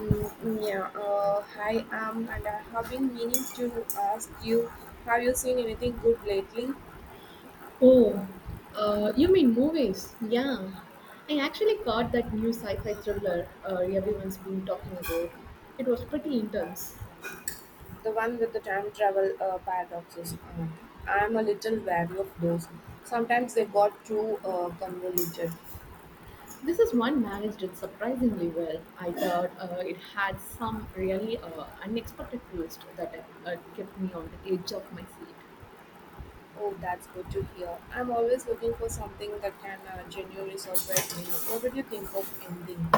Mm, yeah, hi, and I have been meaning to ask you, have you seen anything good lately? Oh, you mean movies? Yeah. I actually caught that new sci fi thriller, everyone's been talking about. It was pretty intense. The one with the time travel paradoxes. I'm a little wary of those. Sometimes they got too convoluted. This is one managed it surprisingly well. I thought it had some really unexpected twist that kept me on the edge of my seat. Oh, that's good to hear. I'm always looking for something that can genuinely surprise me. What did you think of ending?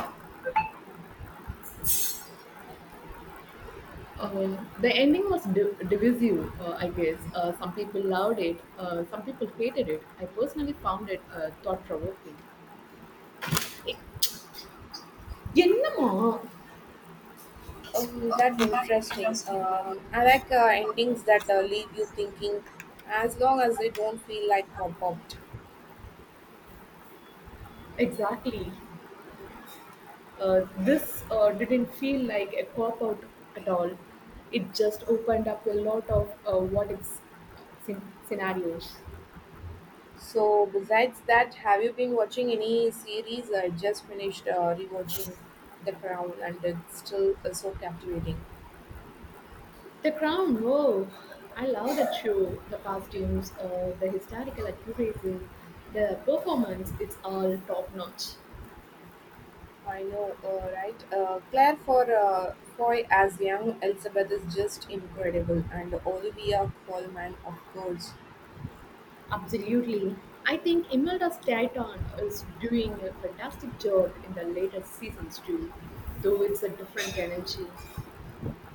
The ending was divisive, I guess. Some people loved it, some people hated it. I personally found it thought provoking. Oh, என்னம்மா. That That's interesting. interesting. I like endings that leave you thinking, as long as they don't feel like pop-up. Exactly. This didn't feel like a cop out at all. It just opened up a lot of what if scenarios. So besides that, have you been watching any series? I just finished rewatching The Crown, and it's still so captivating. The Crown, whoa! I love that show. The costumes, the historical accuracy, the performance, it's all top notch. I know, right? Claire for Foy as young Elizabeth is just incredible, and Olivia Colman, of course. Absolutely. I think Imelda Stanton is doing a fantastic job in the latest seasons too, though it's a different energy.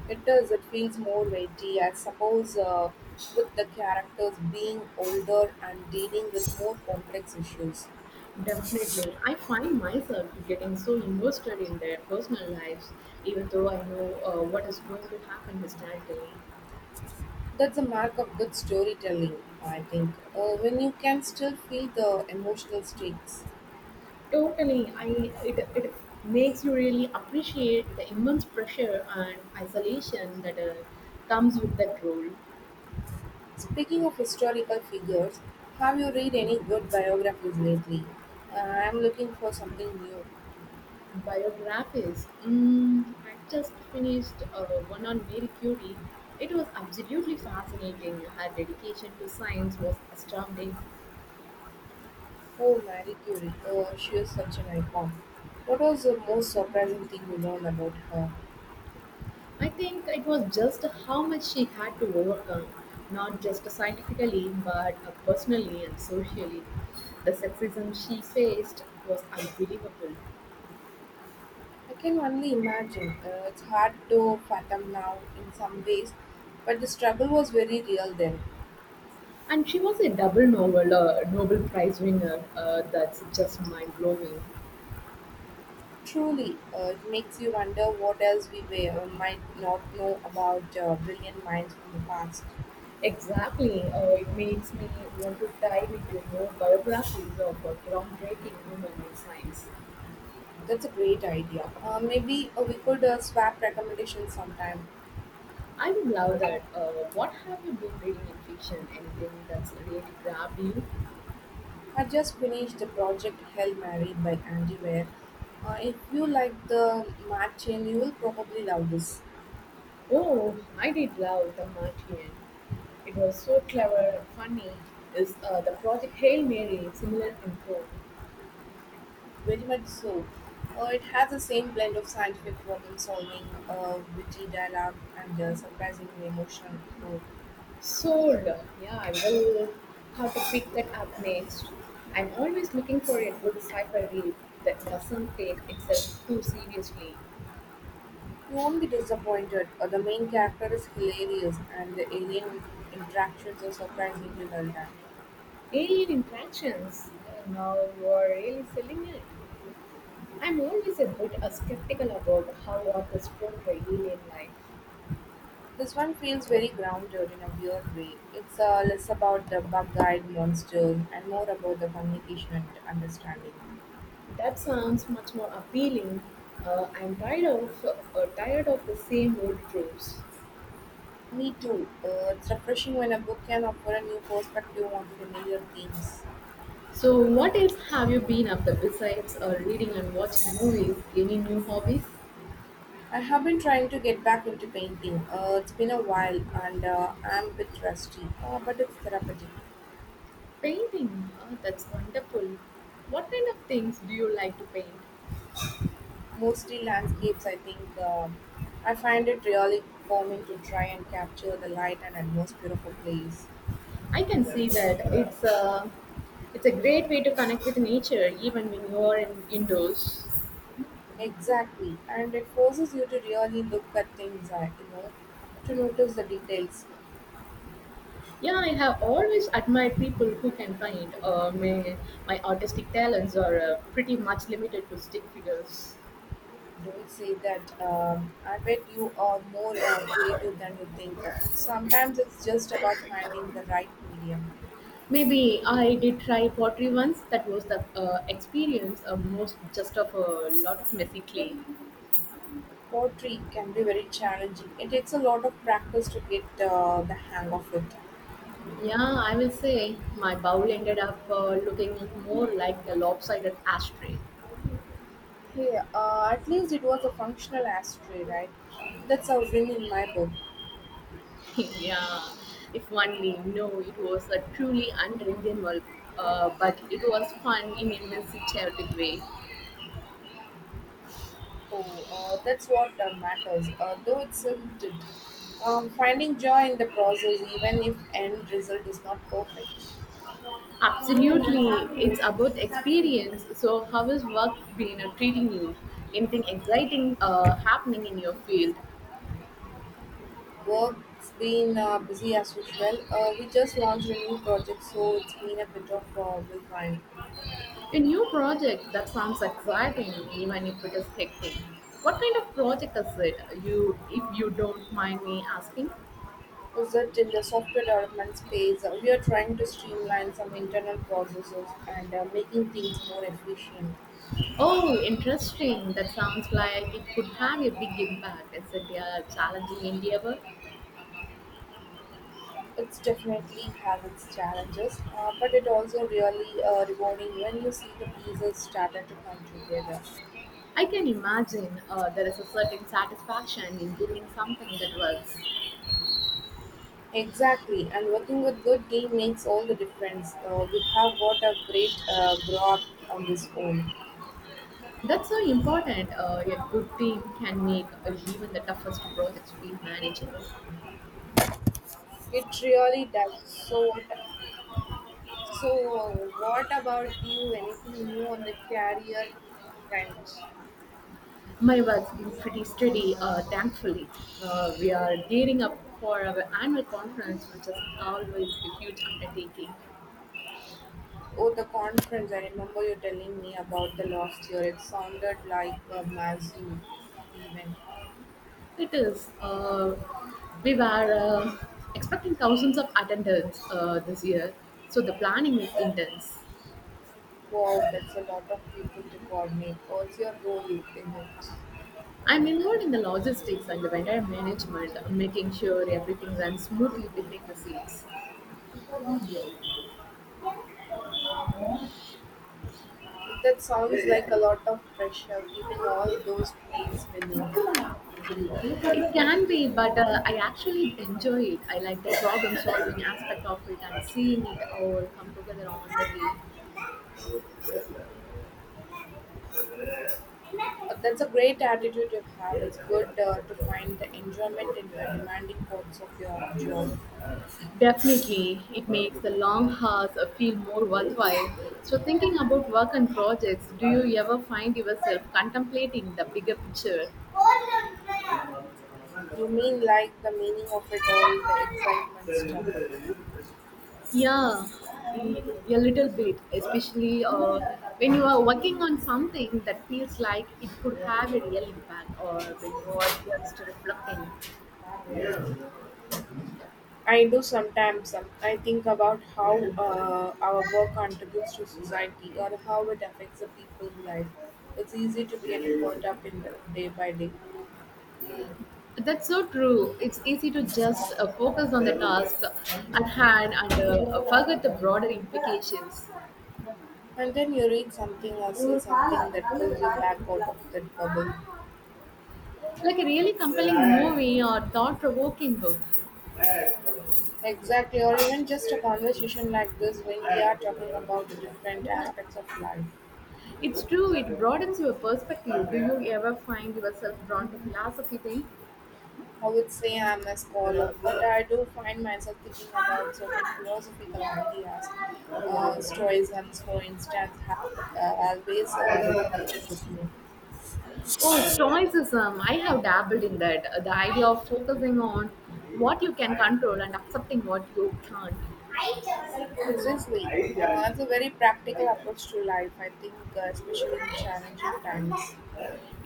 It does. It feels more weighty, I suppose, with the characters being older and dealing with more complex issues. Definitely. I find myself getting so invested in their personal lives, even though I know what is going to happen historically. That's a mark of good storytelling, I think, when you can still feel the emotional stakes. Totally, it makes you really appreciate the immense pressure and isolation that comes with that role. Speaking of historical figures, have you read any good biographies lately? Uh, I'm looking for something new. Biographies. Mm, I just finished one on Mary Curie. It was absolutely fascinating. Her dedication to science was astounding. Oh, Marie Curie, she is such an icon. What was the most surprising thing you learned about her? I think it was just how much she had to overcome, not just scientifically, but personally and socially. The sexism she faced was unbelievable. I can only imagine. It's hard to fathom now in some ways, but the struggle was very real then. And she was a double Nobel, Nobel Prize winner. That's just mind blowing. Truly, it makes you wonder what else we were, might not know about brilliant minds from the past. Exactly. It makes me want to dive into more biographies of groundbreaking women in science. That's a great idea. Maybe we could swap recommendations sometime. I would love that. What have you been reading in fiction? Anything that's really grabbed you? I just finished the project Hell Mary by Andy Weir. If you like the Matt chain, you will probably love this. Oh, I did love The Martian. It was so clever and funny. Is the project Hail Mary similar in tone? Very much so. It has the same blend of scientific problem solving, witty dialogue, and surprisingly emotional core. Sold. Yeah, I will have to pick that up next. I'm always looking for a good sci-fi read that doesn't take itself too seriously. You won't be disappointed. The main character is hilarious, and the alien interactions are surprisingly well done. Alien interactions. Well, now you are really selling it. I'm always a bit skeptical about how authors portray alien life. This one feels very grounded in a weird way. It's less about the bug-eyed monsters and more about the communication and understanding. That sounds much more appealing. I'm tired of the same old tropes. Me too. It's refreshing when a book can offer a new perspective on familiar themes. So, what else have you been up to besides reading and watching movies? Any new hobbies? I have been trying to get back into painting. It's been a while, and I'm a bit rusty, but it's therapeutic. Painting, oh, that's wonderful. What kind of things do you like to paint? Mostly landscapes, I think. I find it really calming to try and capture the light and atmosphere of a place. I can see that it's a great way to connect with nature, even when you are in, indoors. Exactly, and it forces you to really look at things, to notice the details. Yeah, I have always admired people who can paint. My artistic talents are pretty much limited to stick figures. Don't say that. I bet you are more creative than you think. Sometimes it's just about finding the right medium. Maybe I did try pottery once. That was the experience of most just of a lot of messy clay. Pottery can be very challenging. It takes a lot of practice to get the hang of it. Yeah, I will say my bowl ended up looking more like a lopsided ashtray. Hey, at least it was a functional ashtray, right? That's a win in my book. yeah, if only. No, it was a truly unredeemable, but it was fun in a messy, chaotic way. Oh, that's what matters, though it's limited. Finding joy in the process, even if end result is not perfect. Absolutely, it's about experience. So, how has work been treating you? Anything exciting happening in your field? Work's been busy as usual. We just launched a new project, so it's been a bit of a whirlwind. A new project that sounds exciting, even if it is hectic. What kind of project is it? If you don't mind me asking. Is that in the software development space, we are trying to streamline some internal processes and making things more efficient. Oh, interesting. That sounds like it could have a big impact. Is it a challenging endeavor? It's definitely have its challenges, but it also really rewarding when you see the pieces started to come together. I can imagine there is a certain satisfaction in building something that works. Exactly, and working with good team makes all the difference. We have got a great grow up on this own. That's so important. A good team can make even the toughest projects feel manageable. It really does. So what about you? Anything new on the career front? My work's been pretty steady, thankfully. We are gearing up for our annual conference, which is always a huge undertaking. Oh, the conference! I remember you telling me about the last year. It sounded like a massive event. It is. We were expecting thousands of attendance this year, so the planning is intense. Wow, that's a lot of people to coordinate. What's your role in it? I'm involved in the logistics and the vendor management, making sure everything runs smoothly behind the scenes. That sounds like a lot of pressure, keeping all those plates spinning. It can be, but I actually enjoy it. I like the problem solving aspect of it and seeing it all come together on the way. But that's a great attitude to have. It's good to find the enjoyment in the demanding parts of your job. Definitely, it makes the long hours feel more worthwhile. So, thinking about work and projects, do you ever find yourself contemplating the bigger picture? You mean like the meaning of it all, the excitement stuff. Yeah, mm, a little bit, especially when you are working on something that feels like it could have a real impact or when you are just reflecting. I do sometimes. I think about how our work contributes to society or how it affects the people's life. It's easy to get caught up in the day by day. That's so true. It's easy to just focus on the task at hand and forget the broader implications. And then you read something or see something that pulls you back out of that bubble. Like a really compelling movie or thought provoking book. Exactly, or even just a conversation like this when we are talking about the different aspects of life. It's true, it broadens your perspective. Do you ever find yourself drawn to philosophy then? I would say I'm a scholar, but I do find myself thinking about certain philosophical ideas. Stoicisms, for instance, have always resonated with me. Oh, Stoicism. I have dabbled in that. The idea of focusing on what you can control and accepting what you can't. Precisely, it's a very practical approach to life, I think, especially in challenging times.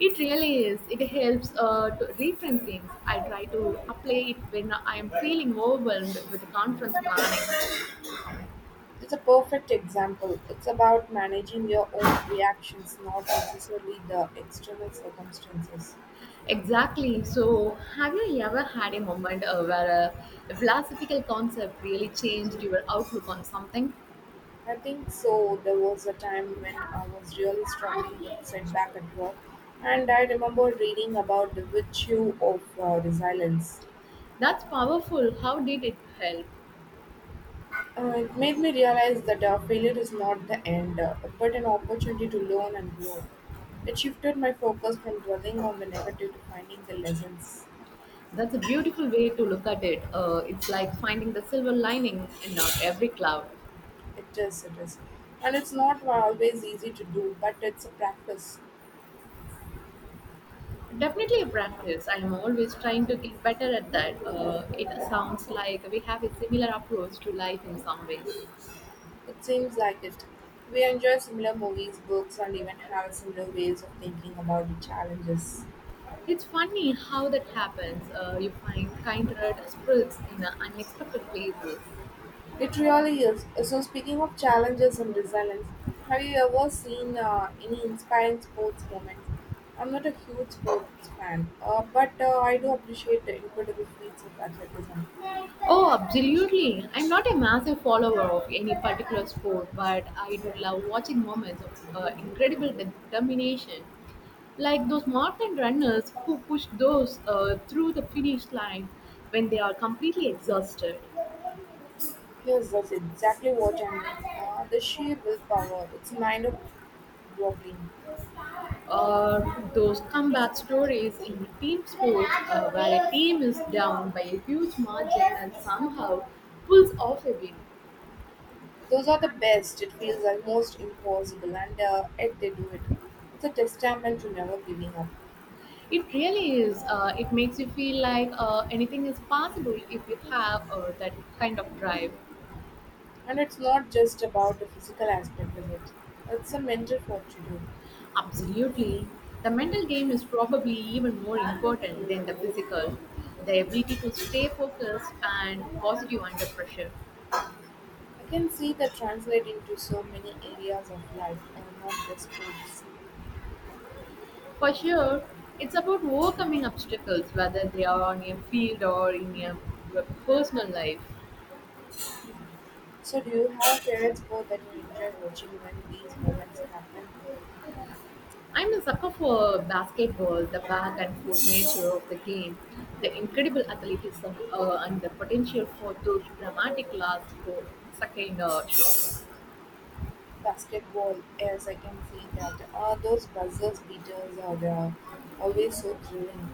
It really is. It helps to reframe things. I try to apply it when I am feeling overwhelmed with conference planning. It's a perfect example. It's about managing your own reactions, not necessarily the external circumstances. Exactly. So, have you ever had a moment where a philosophical concept really changed your outlook on something? I think so. There was a time when I was really struggling with setback at work, and I remember reading about the virtue of resilience. That's powerful. How did it help? It made me realize that failure is not the end, but an opportunity to learn and grow. It shifted my focus from dwelling on the negative to finding the lessons. That's a beautiful way to look at it. It's like finding the silver lining in not every cloud. It is, it is. And it's not always easy to do, but it's a practice. Definitely a practice. I'm always trying to get better at that. It sounds like we have a similar approach to life in some ways. It seems like it. We enjoy similar movies, books, and even have similar ways of thinking about the challenges. It's funny how that happens. You find kindred spirits in unexpected places. It really is. So, speaking of challenges and resilience, have you ever seen any inspiring sports moments? I'm not a huge sports fan, but I do appreciate the incredible feats of athleticism. Oh, absolutely. I'm not a massive follower of any particular sport, but I do love watching moments of incredible determination. Like those marathon runners who push those through the finish line when they are completely exhausted. Yes, that's exactly what I mean. The sheer willpower, it's mind of boggling. Or those comeback stories in team sports where a team is down by a huge margin and somehow pulls off a win. Those are the best. It feels almost impossible, and yet they do it. It's a testament to never giving up. It really is. It makes you feel like anything is possible if you have that kind of drive. And it's not just about the physical aspect, is it? It's a mental fortitude. Absolutely. The mental game is probably even more important than the physical. The ability to stay focused and positive under pressure. I can see that translate into so many areas of life, and not just sports. For sure, it's about overcoming obstacles, whether they are on your field or in your personal life. So, do you have a favorite sport that you enjoy watching when these moments happen? I'm a sucker for basketball, the back and forth nature of the game, the incredible athleticism, and the potential for those dramatic last 4-second shots. Basketball, yes, I can see that. Those buzzers beaters are always so thrilling.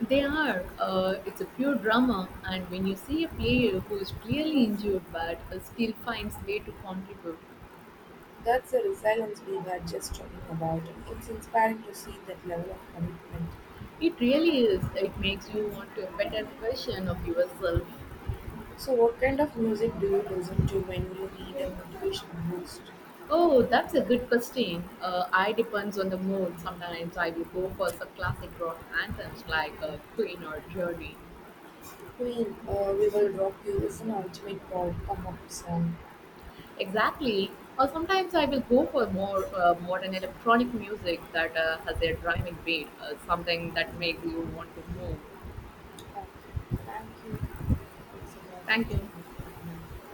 They are, it's a pure drama, and when you see a player who is clearly injured but still finds a way to contribute, That's the resilience we were just talking about. It's inspiring to see that level of commitment. it really is, it makes you want to a better version of yourself. So, what kind of music do you listen to when you need a motivational boost? Oh, that's a good question. I depends on the mood. Sometimes I will go for some classic rock anthems like Queen or Journey. Queen, We Will Rock You is an ultimate pop come up song. Exactly. Or sometimes I will go for more modern electronic music that has a driving beat, something that makes you want to move. Thank you. Thank you. It's about Thank you. 15 minutes of mine.